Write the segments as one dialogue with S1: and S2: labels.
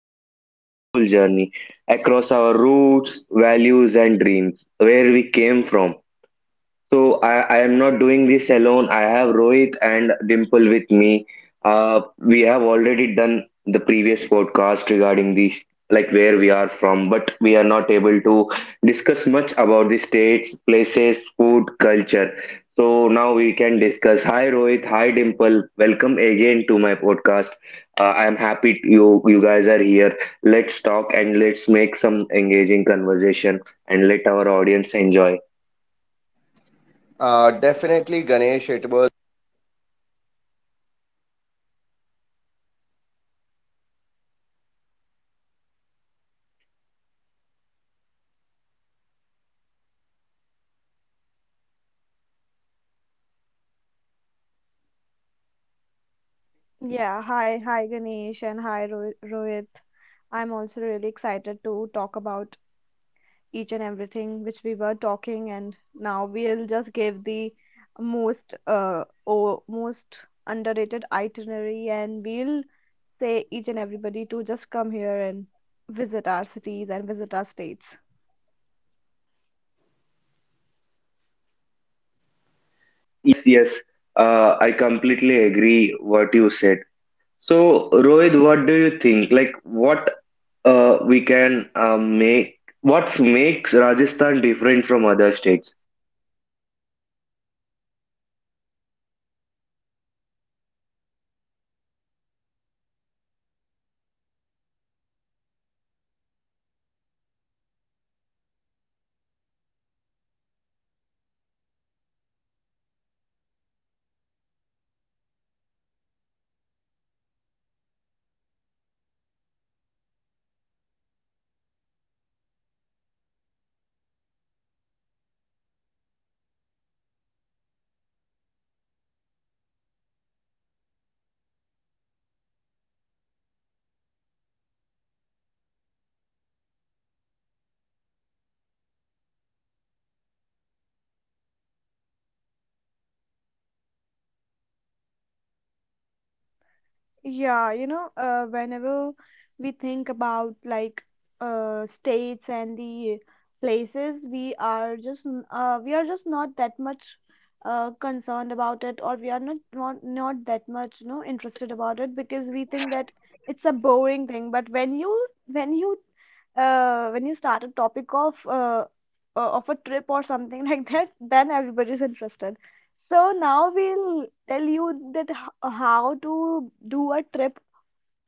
S1: on a meaningful journey across our roots, values, and dreams, where we came from. So I am not doing this alone. I have Rohit and Dimple with me. We have already done the previous podcast regarding this, like where we are from, but we are not able to discuss much about the states, places, food, culture. So now we can discuss. Hi Rohit, hi Dimple. Welcome again to my podcast. I am happy you guys are here. Let's talk and let's make some engaging conversation and let our audience enjoy.
S2: Definitely, Ganesh. It was
S3: Yeah, hi, Ganesh and hi Ro Rohit. I'm also really excited to talk about each and everything which we were talking, and now we'll just give the most or most underrated itinerary, and we'll say each and everybody to just come here and visit our cities and visit our states.
S1: Yes, yes, I completely agree what you said. So, Rohit, what do you think? Like, what makes Rajasthan different from other states?
S3: Yeah, you know, whenever we think about states and the places, we are just we are just not that much concerned about it, or we are not, not that much, you know, interested about it because we think that it's a boring thing. But when you start a topic of a trip or something like that, then everybody's interested. So now we'll tell you that how to do a trip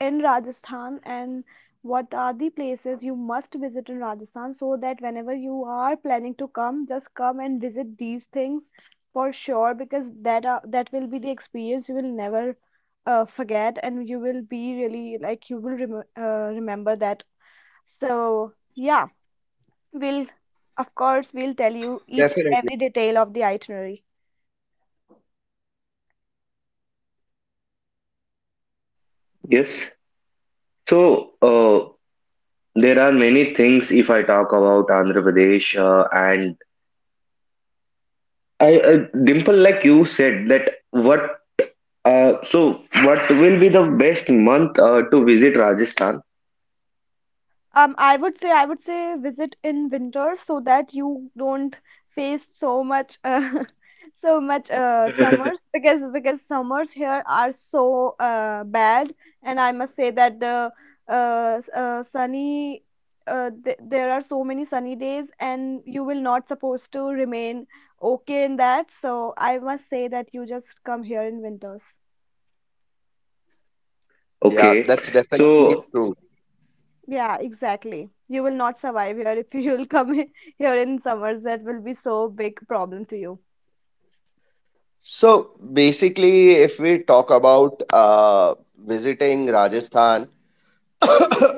S3: in Rajasthan and what are the places you must visit in Rajasthan so that whenever you are planning to come, just come and visit these things for sure because that will be the experience you will never forget and you will be really like you will remember that. So yeah, we'll of course we'll tell
S2: definitely.
S3: you each and every detail of the itinerary.
S1: Yes. So, uh, there are many things if I talk about Andhra Pradesh, Dimple, like you said, so what will be the best month to visit Rajasthan?
S3: I would say visit in winter so that you don't face so much so much summers because summers here are so bad and I must say that sunny th there are so many sunny days and you will not supposed to remain okay in that so I must say that you just come here in winters.
S2: Yeah, that's
S1: Okay,
S2: definitely true.
S1: so
S3: Yeah, exactly. You will not survive here if you'll come here in summers. That will be so big problem to you.
S2: So basically, if we talk about visiting Rajasthan,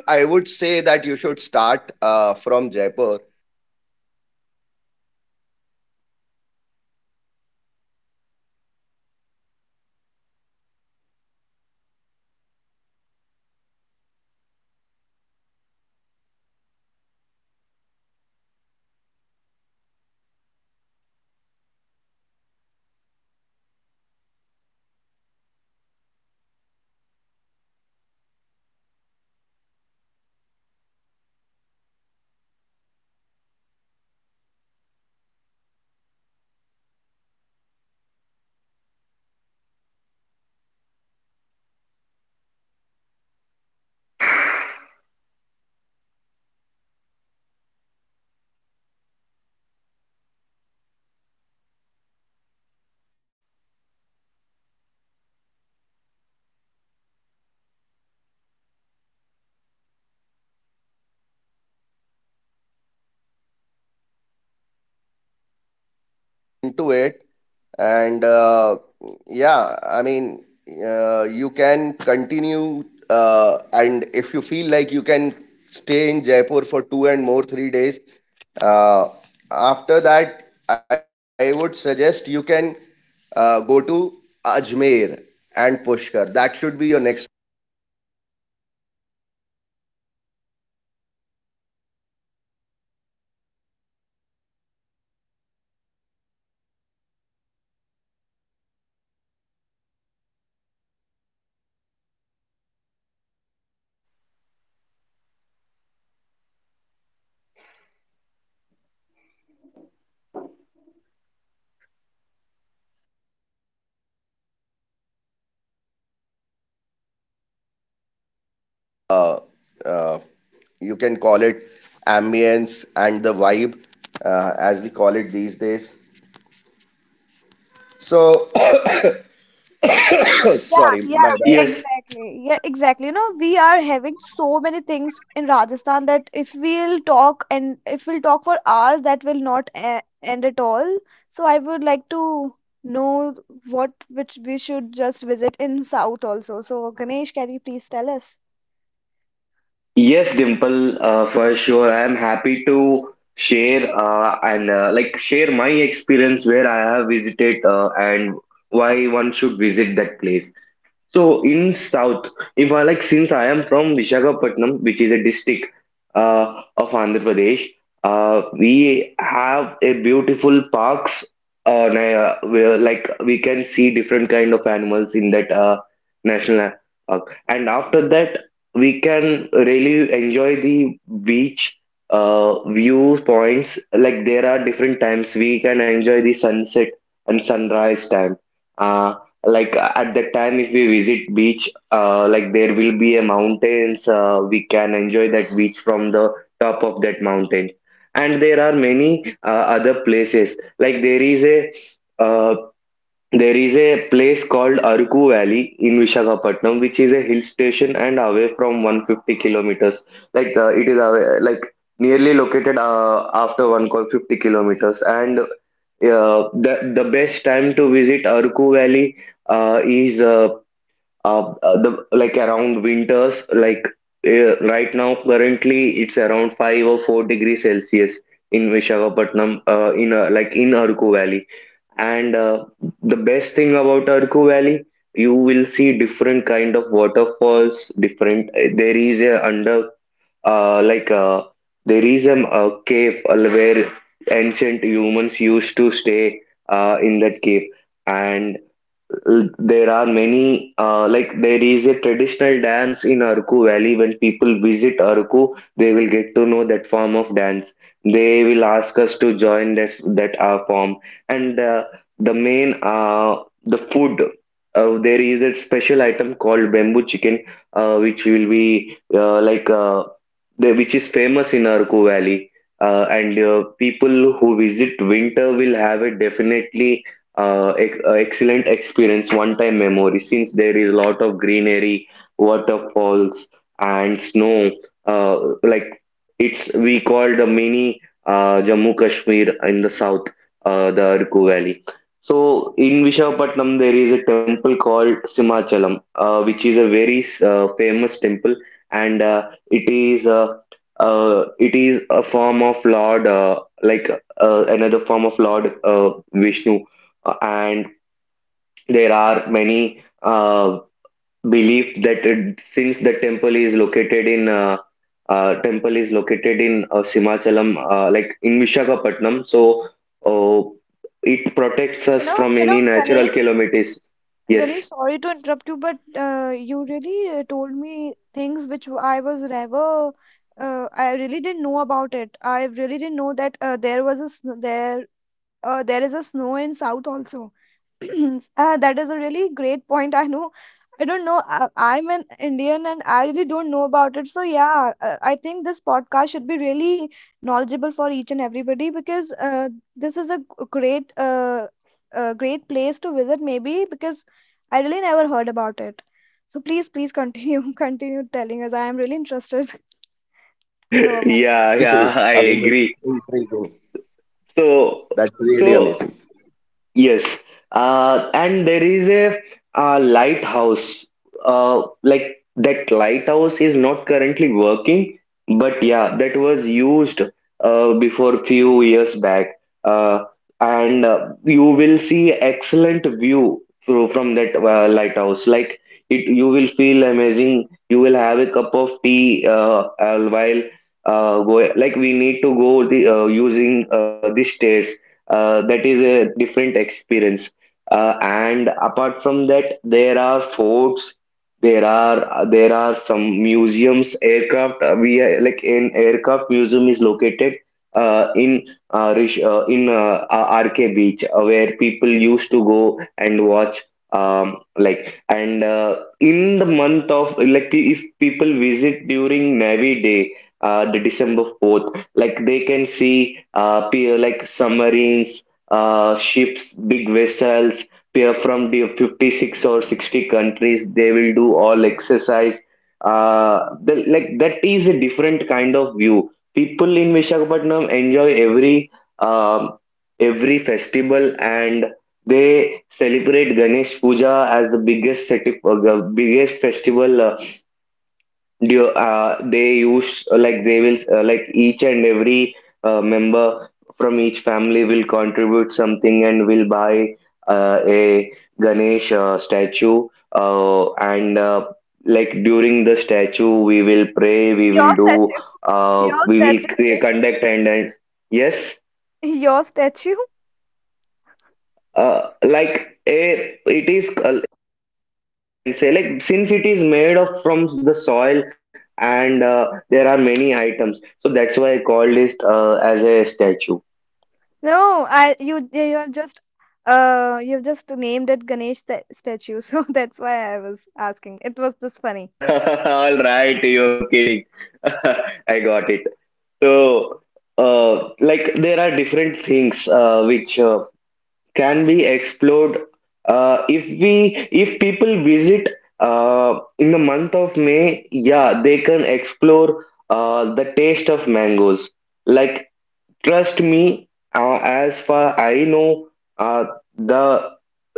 S2: I would say that you should start from Jaipur into it and yeah i mean you can continue and if you feel like you can stay in Jaipur for two and more 3 days, uh, after that I would suggest you can go to Ajmer and Pushkar. That should be your next, you can call it, ambience and the vibe, as we call it these days. So
S3: Yeah,
S2: sorry, my
S3: yeah,
S2: bad.
S1: yes,
S3: exactly. Yeah, exactly. You know, we are having so many things in Rajasthan that if we'll talk for hours, that will not e end at all. So I would like to know what which we should just visit in South also. So Ganesh, can you please tell us?
S1: yes, Dimple, for sure. I am happy to share and like share my experience where I have visited and why one should visit that place. So in South, if I like, since I am from Vishakhapatnam, which is a district of Andhra Pradesh, we have a beautiful parks. Where like we can see different kind of animals in that national park, and after that we can really enjoy the beach view points. Like there are different times we can enjoy the sunset and sunrise time. Uh, at that time if we visit beach like there will be a mountains we can enjoy that beach from the top of that mountain and there are many other places like uh, there is a place called Arku Valley in Vishakhapatnam, which is a hill station and away from 150 kilometers. It is away, like nearly located after 150 kilometers, and the best time to visit Arku Valley is the like around winters. Right now, currently it's around 5 or 4 degrees Celsius in Visakhapatnam, in Arku Valley. And the best thing about Arku Valley, you will see different kind of waterfalls. Different there is a under like There is a cave where ancient humans used to stay in that cave, and there are many, like there is a traditional dance in Arku Valley. When people visit Arku, they will get to know that form of dance. They will ask us to join that that form. And the main, uh, the food. There is a special item called bamboo chicken, which will be like the, which is famous in Arku Valley. And People who visit winter will have a definitely excellent experience, one-time memory, since there is a lot of greenery, waterfalls, and snow. Uh, like it's we call the mini Jammu Kashmir in the south, the Arku Valley. So in Vishakhapatnam there is a temple called Simachalam, which is a very famous temple, and it is a form of Lord, another form of Lord Vishnu and there are many belief that since the temple is located in Simachalam, in Vishakhapatnam, so uh, it protects
S3: You
S1: us
S3: know,
S1: from
S3: you know,
S1: any natural
S3: Ganesh,
S1: calamities. Yes.
S3: Ganesh, sorry to interrupt you, but you really told me things which I was never, I really didn't know about it. I really didn't know that there was a there is a snow in south also that is a really great point. I know, I don't know, I'm an Indian and I really don't know about it. So yeah, I think this podcast should be really knowledgeable for each and everybody because this is a g- great a great place to visit maybe because I really never heard about it. So please, continue continue telling us. I am really interested to know about
S2: Yeah,
S1: Yeah,
S2: me too.
S1: yeah, I
S2: I'm amazing.
S1: agree.
S2: Intriguing.
S1: So,
S2: That's really
S1: so
S2: amazing.
S1: Yes, and there is a, lighthouse. That lighthouse is not currently working, but yeah, that was used before few years back. Uh, and You will see excellent view through from that lighthouse. Like it, you will feel amazing. You will have a cup of tea while go. Like we need to using the stairs that is a different experience and apart from that there are forts there are some museums aircraft like an aircraft museum is located in Rish, in RK Beach where people used to go and watch like and in the month of like if people visit during Navy Day, the December 4th, like they can see peer like submarines, ships, big vessels, peer from the 56 or 60 countries. They will do all exercise, like that is a different kind of view people in Vishakhapatnam enjoy. Um, every festival and they celebrate Ganesh Puja as the biggest festival. Do they use like They will, each and every member from each family will contribute something and will buy a Ganesh statue and like during the statue we will pray,
S3: it.
S1: we will
S3: Your
S1: do
S3: statue? your statue ganesh
S1: conduct and yes,
S3: Your statue?
S1: like a it is, we can say, like since it is made of from the soil, and there are many items, so that's why I called it as a statue.
S3: No, I you you have just you've just named it Ganesh statue, so that's why I was asking. It was just funny.
S1: All right, you're kidding. I got it. So like there are different things which can be explored uh, if we if people visit in the month of May, yeah, they can explore the taste of mangoes, like, trust me, as far I know, uh, the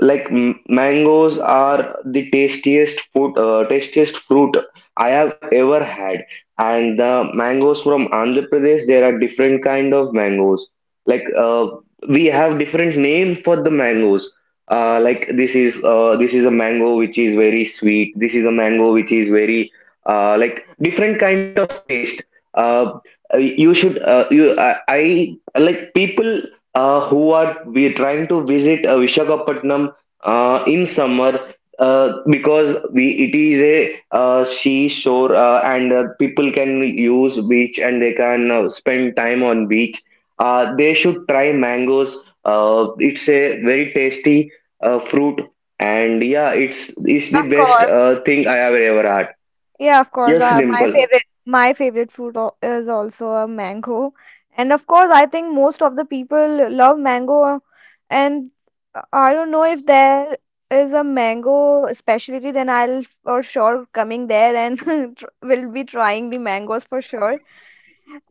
S1: mangoes are the tastiest food, tastiest fruit I have ever had. And the mangoes from Andhra Pradesh, there are different kind of mangoes. Like uh, we have different name for the mangoes. This is a mango which is very sweet. This is a mango which is very like different kind of taste. Uh, you should you I Like people who are we trying to visit Vishakhapatnam in summer because we it is a seashore and people can use beach and they can spend time on beach. They should try mangoes. It's a very tasty fruit and yeah, it's
S3: Of
S1: the best
S3: course.
S1: thing I have ever had.
S3: Yeah, of course.
S1: Yes, Dimple.
S3: My favorite fruit is also a mango. And of course, I think most of the people love mango and I don't know if there is a mango specialty, then I'll for sure coming there and tr will be trying the mangoes for sure.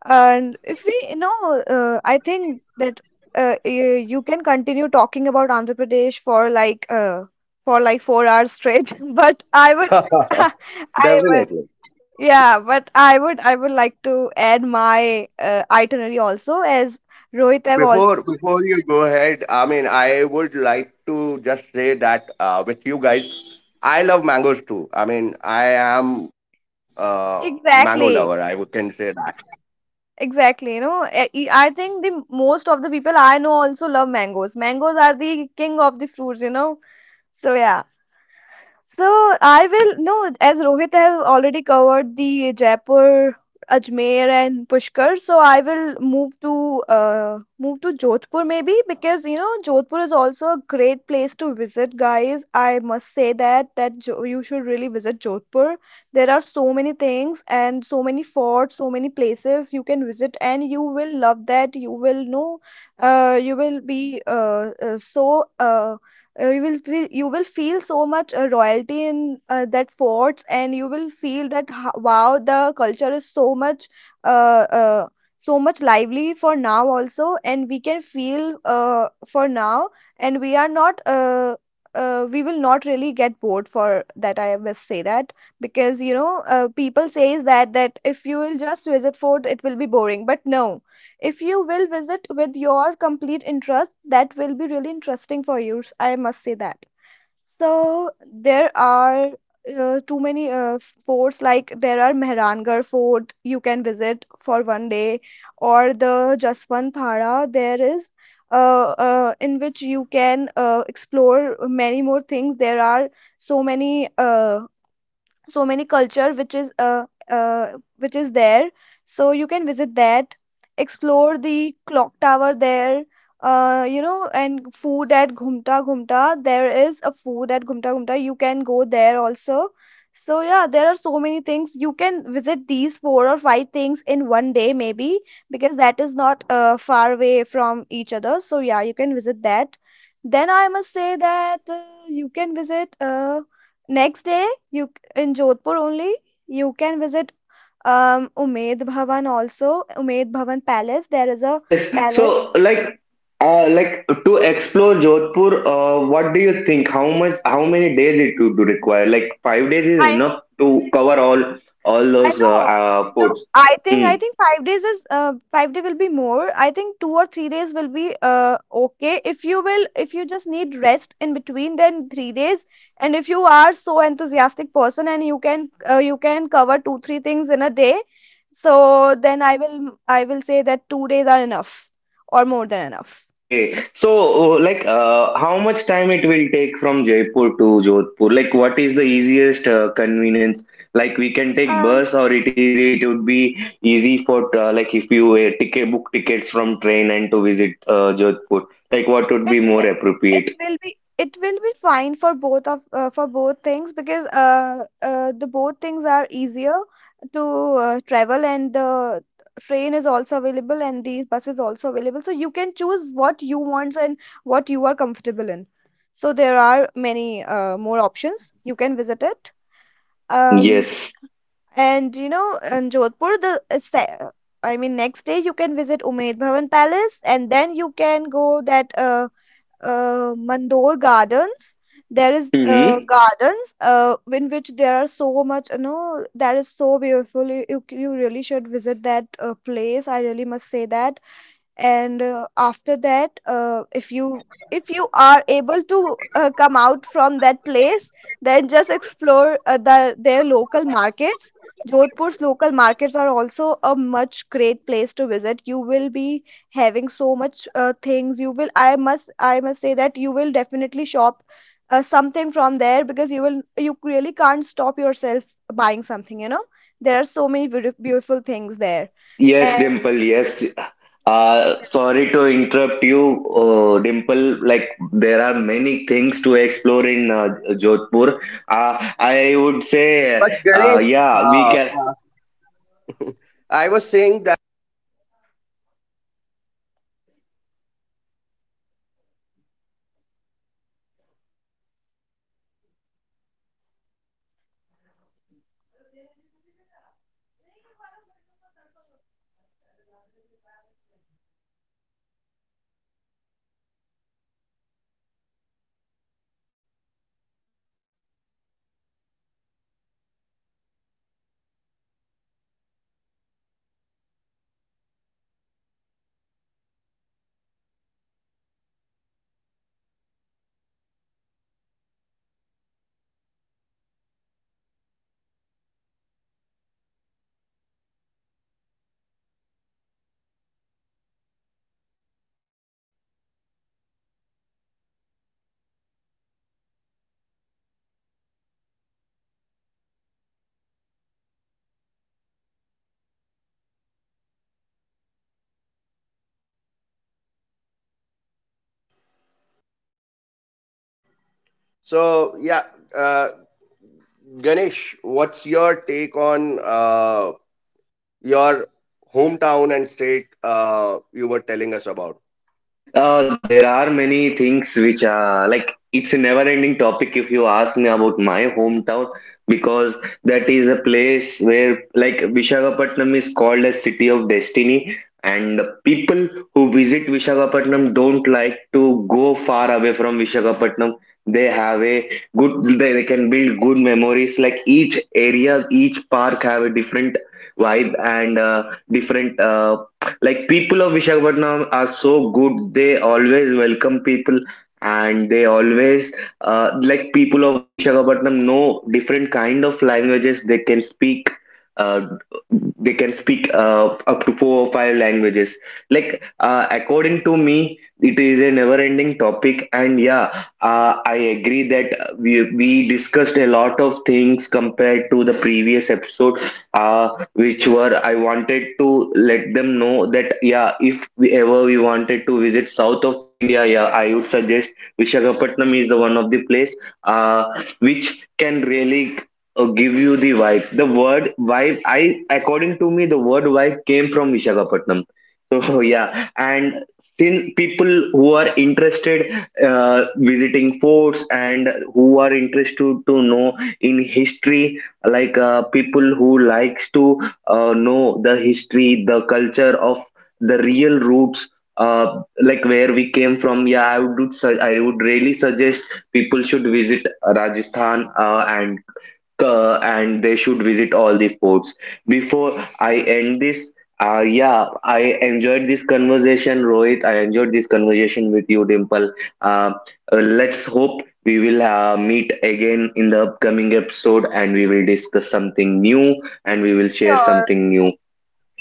S3: And if we, you know, I think that you can continue talking about Andhra Pradesh for for like 4 hours straight. But I would, I would,
S2: Definitely.
S3: yeah. I would like to add my itinerary also, as Rohit have also
S2: Before before you go ahead, I mean, I would like to just say that with you guys, I love mangoes too. I mean, I am a mango lover. I would- can say
S3: exactly,
S2: that.
S3: exactly. You know, I think the most of the people I know also love mangoes. Mangoes are the king of the fruits. You know, so yeah. So I will no, as Rohit have already covered the Jaipur, Ajmer and Pushkar, so I will move to Jodhpur maybe because you know Jodhpur is also a great place to visit, guys. I must say that that jo you should really visit Jodhpur. There are so many things and so many forts, so many places you can visit, and you will love that. You will know, you will be uh, you will feel, so much royalty in that forts and you will feel that wow, the culture is so much uh, uh, so much lively for now also, and we can feel for now, and we are not we will not really get bored. For that, I must say that because you know people says that that if you will just visit fort it will be boring, but no, if you will visit with your complete interest, that will be really interesting for you. I must say that. So there are too many forts, like there are Mehrangarh Fort you can visit for 1 day, or the Jaswant Thara. There is in which you can explore many more things. There are so many so many culture which is there, so you can visit that, explore the clock tower there, you know, and food at Ghumta Ghumta. There is a food at Ghumta Ghumta, you can go there also. So yeah, there are so many things, you can visit these four or five things in 1 day maybe because that is not far away from each other. So yeah, you can visit that. Then I must say that you can visit next day you in Jodhpur only. You can visit Umed Bhavan also, Umed Bhavan Palace. There is a
S1: Yes.
S3: palace.
S1: So, like to explore Jodhpur, what do you think? How much? How many days it would require? Like 5 days is
S3: I mean,
S1: enough to cover all
S3: I
S1: those
S3: know. No,
S1: ports. Hmm.
S3: I think 5 days is 5 day will be more. I think 2 or 3 days will be okay. If you just need rest in between, then 3 days. And if you are so enthusiastic person and you can cover 2 3 things in a day, so then I will say that 2 days are enough or more than enough.
S1: Okay, so how much time it will take from Jaipur to Jodhpur? Like, what is the easiest convenience? Like, we can take bus, or it easy. It would be easy for like if you ticket book tickets from train and to visit Jodhpur. Like, what would
S3: it
S1: be
S3: it
S1: more
S3: it
S1: appropriate?
S3: will be it will be fine for both of for both things because the both things are easier to travel, and the train is also available and the bus is also available, so you can choose what you want and what you are comfortable in. So there are many more options you can visit it. um
S1: Yes.
S3: and you know in Jodhpur I mean next day you can visit Umed Bhavan Palace and then you can go that Mandor Gardens. There is
S1: Mm-hmm.
S3: gardens in which there are so much, you know, that is so beautiful. You you really should visit that place. I really must say that. And after that if you, if you are able to come out from that place, then just explore their local markets. Jodhpur's local markets are also a much great place to visit. You will be having so much things. You will i must I must say that you will definitely shop something from there because you really can't stop yourself buying something, you know. There are so many beautiful things there.
S1: Yes,
S3: And
S1: Dimple, yes.
S3: yeah,
S1: Sorry to interrupt you, Dimple. Like, there are many things to explore in Jodhpur. I would
S2: But
S1: say,
S2: Ganesh,
S1: yeah, we
S2: uh,
S1: can.
S2: uh, I was saying that. So yeah, uh, Ganesh, what's your take on your hometown and state you were telling us about?
S1: There are many things which are like it's a never ending topic if you ask me about my hometown because that is a place where like Visakhapatnam is called as city of destiny and people who visit Visakhapatnam don't like to go far away from Visakhapatnam. They have a good They can build good memories, like each area, each park have a different vibe and different like people of Vishakhapatnam are so good. They always welcome people and they always people of Vishakhapatnam know different kind of languages. Uh, they can speak up to four or five languages. According to me, it is a never-ending topic. And yeah, I agree that we discussed a lot of things compared to the previous episode. Uh, which were I wanted to let them know that yeah, if we ever we wanted to visit south of India, yeah, I would suggest Vishakhapatnam is the one of the place uh, which can really give you the vibe. The word vibe, I according to me, the word vibe came from Vishakhapatnam. So yeah, and since people who are interested visiting forts and who are interested to know in history, like people who likes to know the history, the culture of the real roots, where we came from. Yeah, I would really suggest people should visit Rajasthan and they should visit all the forts. Before I end this, yeah, I enjoyed this conversation, Rohit. I enjoyed this conversation with you, Dimple. Uh, let's hope we will meet again in the upcoming episode and we will discuss something new and we will share
S3: sure.
S1: something new.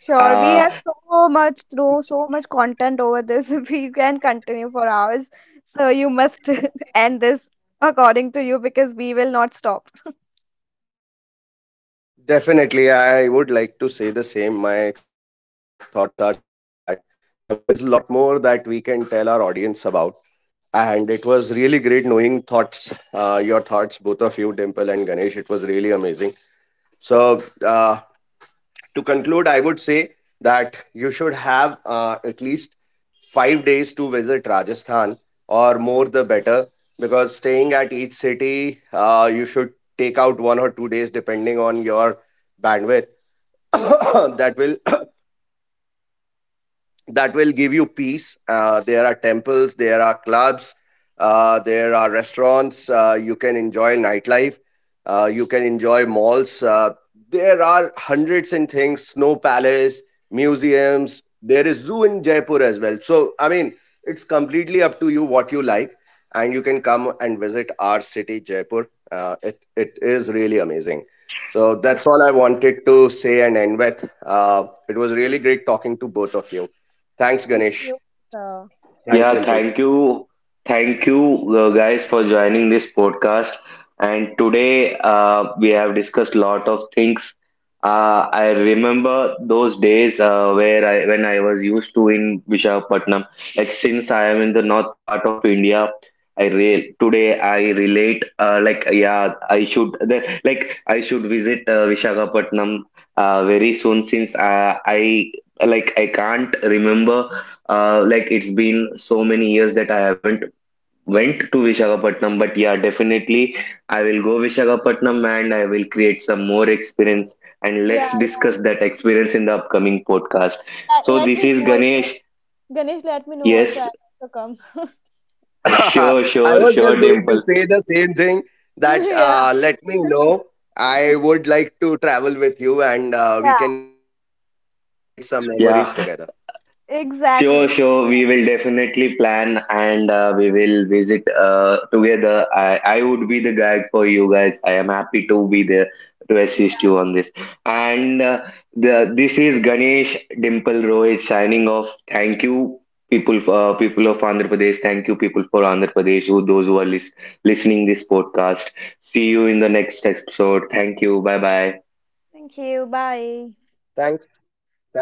S3: Sure, we have
S1: Uh,
S3: so much through so much content over this. We can continue for hours. So you must end this according to you because we will not stop.
S2: Definitely, I would like to say the same. My thoughts are same that I mean there is a lot more that we can tell our audience about, and it was really great knowing thoughts, your thoughts, both of you, Dimple and Ganesh. It was really amazing. So to conclude, I would say that you should have at least 5 days to visit Rajasthan, or more the better, because staying at each city, you should take out 1 or 2 days depending on your bandwidth that will that will give you peace. There are temples, there are clubs, there are restaurants. You can enjoy nightlife. You can enjoy malls. There are hundreds and things. Snow Palace, museums. There is zoo in Jaipur as well. So I mean, it's completely up to you what you like, and you can come and visit our city, Jaipur. It is really amazing. So
S3: Yeah,
S2: that's all I wanted to say and end with. It was really great talking to both of you. Thanks,
S3: and to you,
S2: Ganesh.
S3: sir. Thank you
S1: Yeah,
S2: Thanks,
S3: so much.
S2: Dimple.
S1: thank you. Thank you, guys, for joining this podcast. And today we have discussed a lot of things. I remember those days when I was used to in Vishakhapatnam. Like since I am in the north part of India, I re today I relate. Yeah, I should I should visit Vishakhapatnam very soon since I can't remember it's been so many years that I haven't went to Visakhapatnam, but yeah, definitely I will go Visakhapatnam and I will create some more experience and
S3: Yeah,
S1: let's discuss that experience in the upcoming podcast. So
S3: let
S1: this
S3: me know
S1: is
S3: also.
S1: Ganesh.
S3: Ganesh, let me know also.
S1: Yes,
S3: I'll also come.
S1: sure,
S2: I
S1: sure,
S2: was just
S1: sure,
S2: going to
S1: Dimple.
S2: say the same thing that
S3: Yeah.
S2: let me know. I would like to travel with you and we
S3: Yeah,
S2: can create some memories together.
S1: Yeah, sure,
S3: exactly. Exactly.
S1: sure. We will definitely plan and we will visit together. I would be the guide for you guys. I am happy to be there to assist you on this. And the this is Ganesh Dimple Rohit signing off. Thank you, people, for people of Andhra Pradesh. Thank you, people, for Andhra Pradesh, who those who are listening this podcast. See you in the next episode. Thank you. Bye bye.
S3: Thank you. Bye.
S2: Thanks. Thanks. Take care.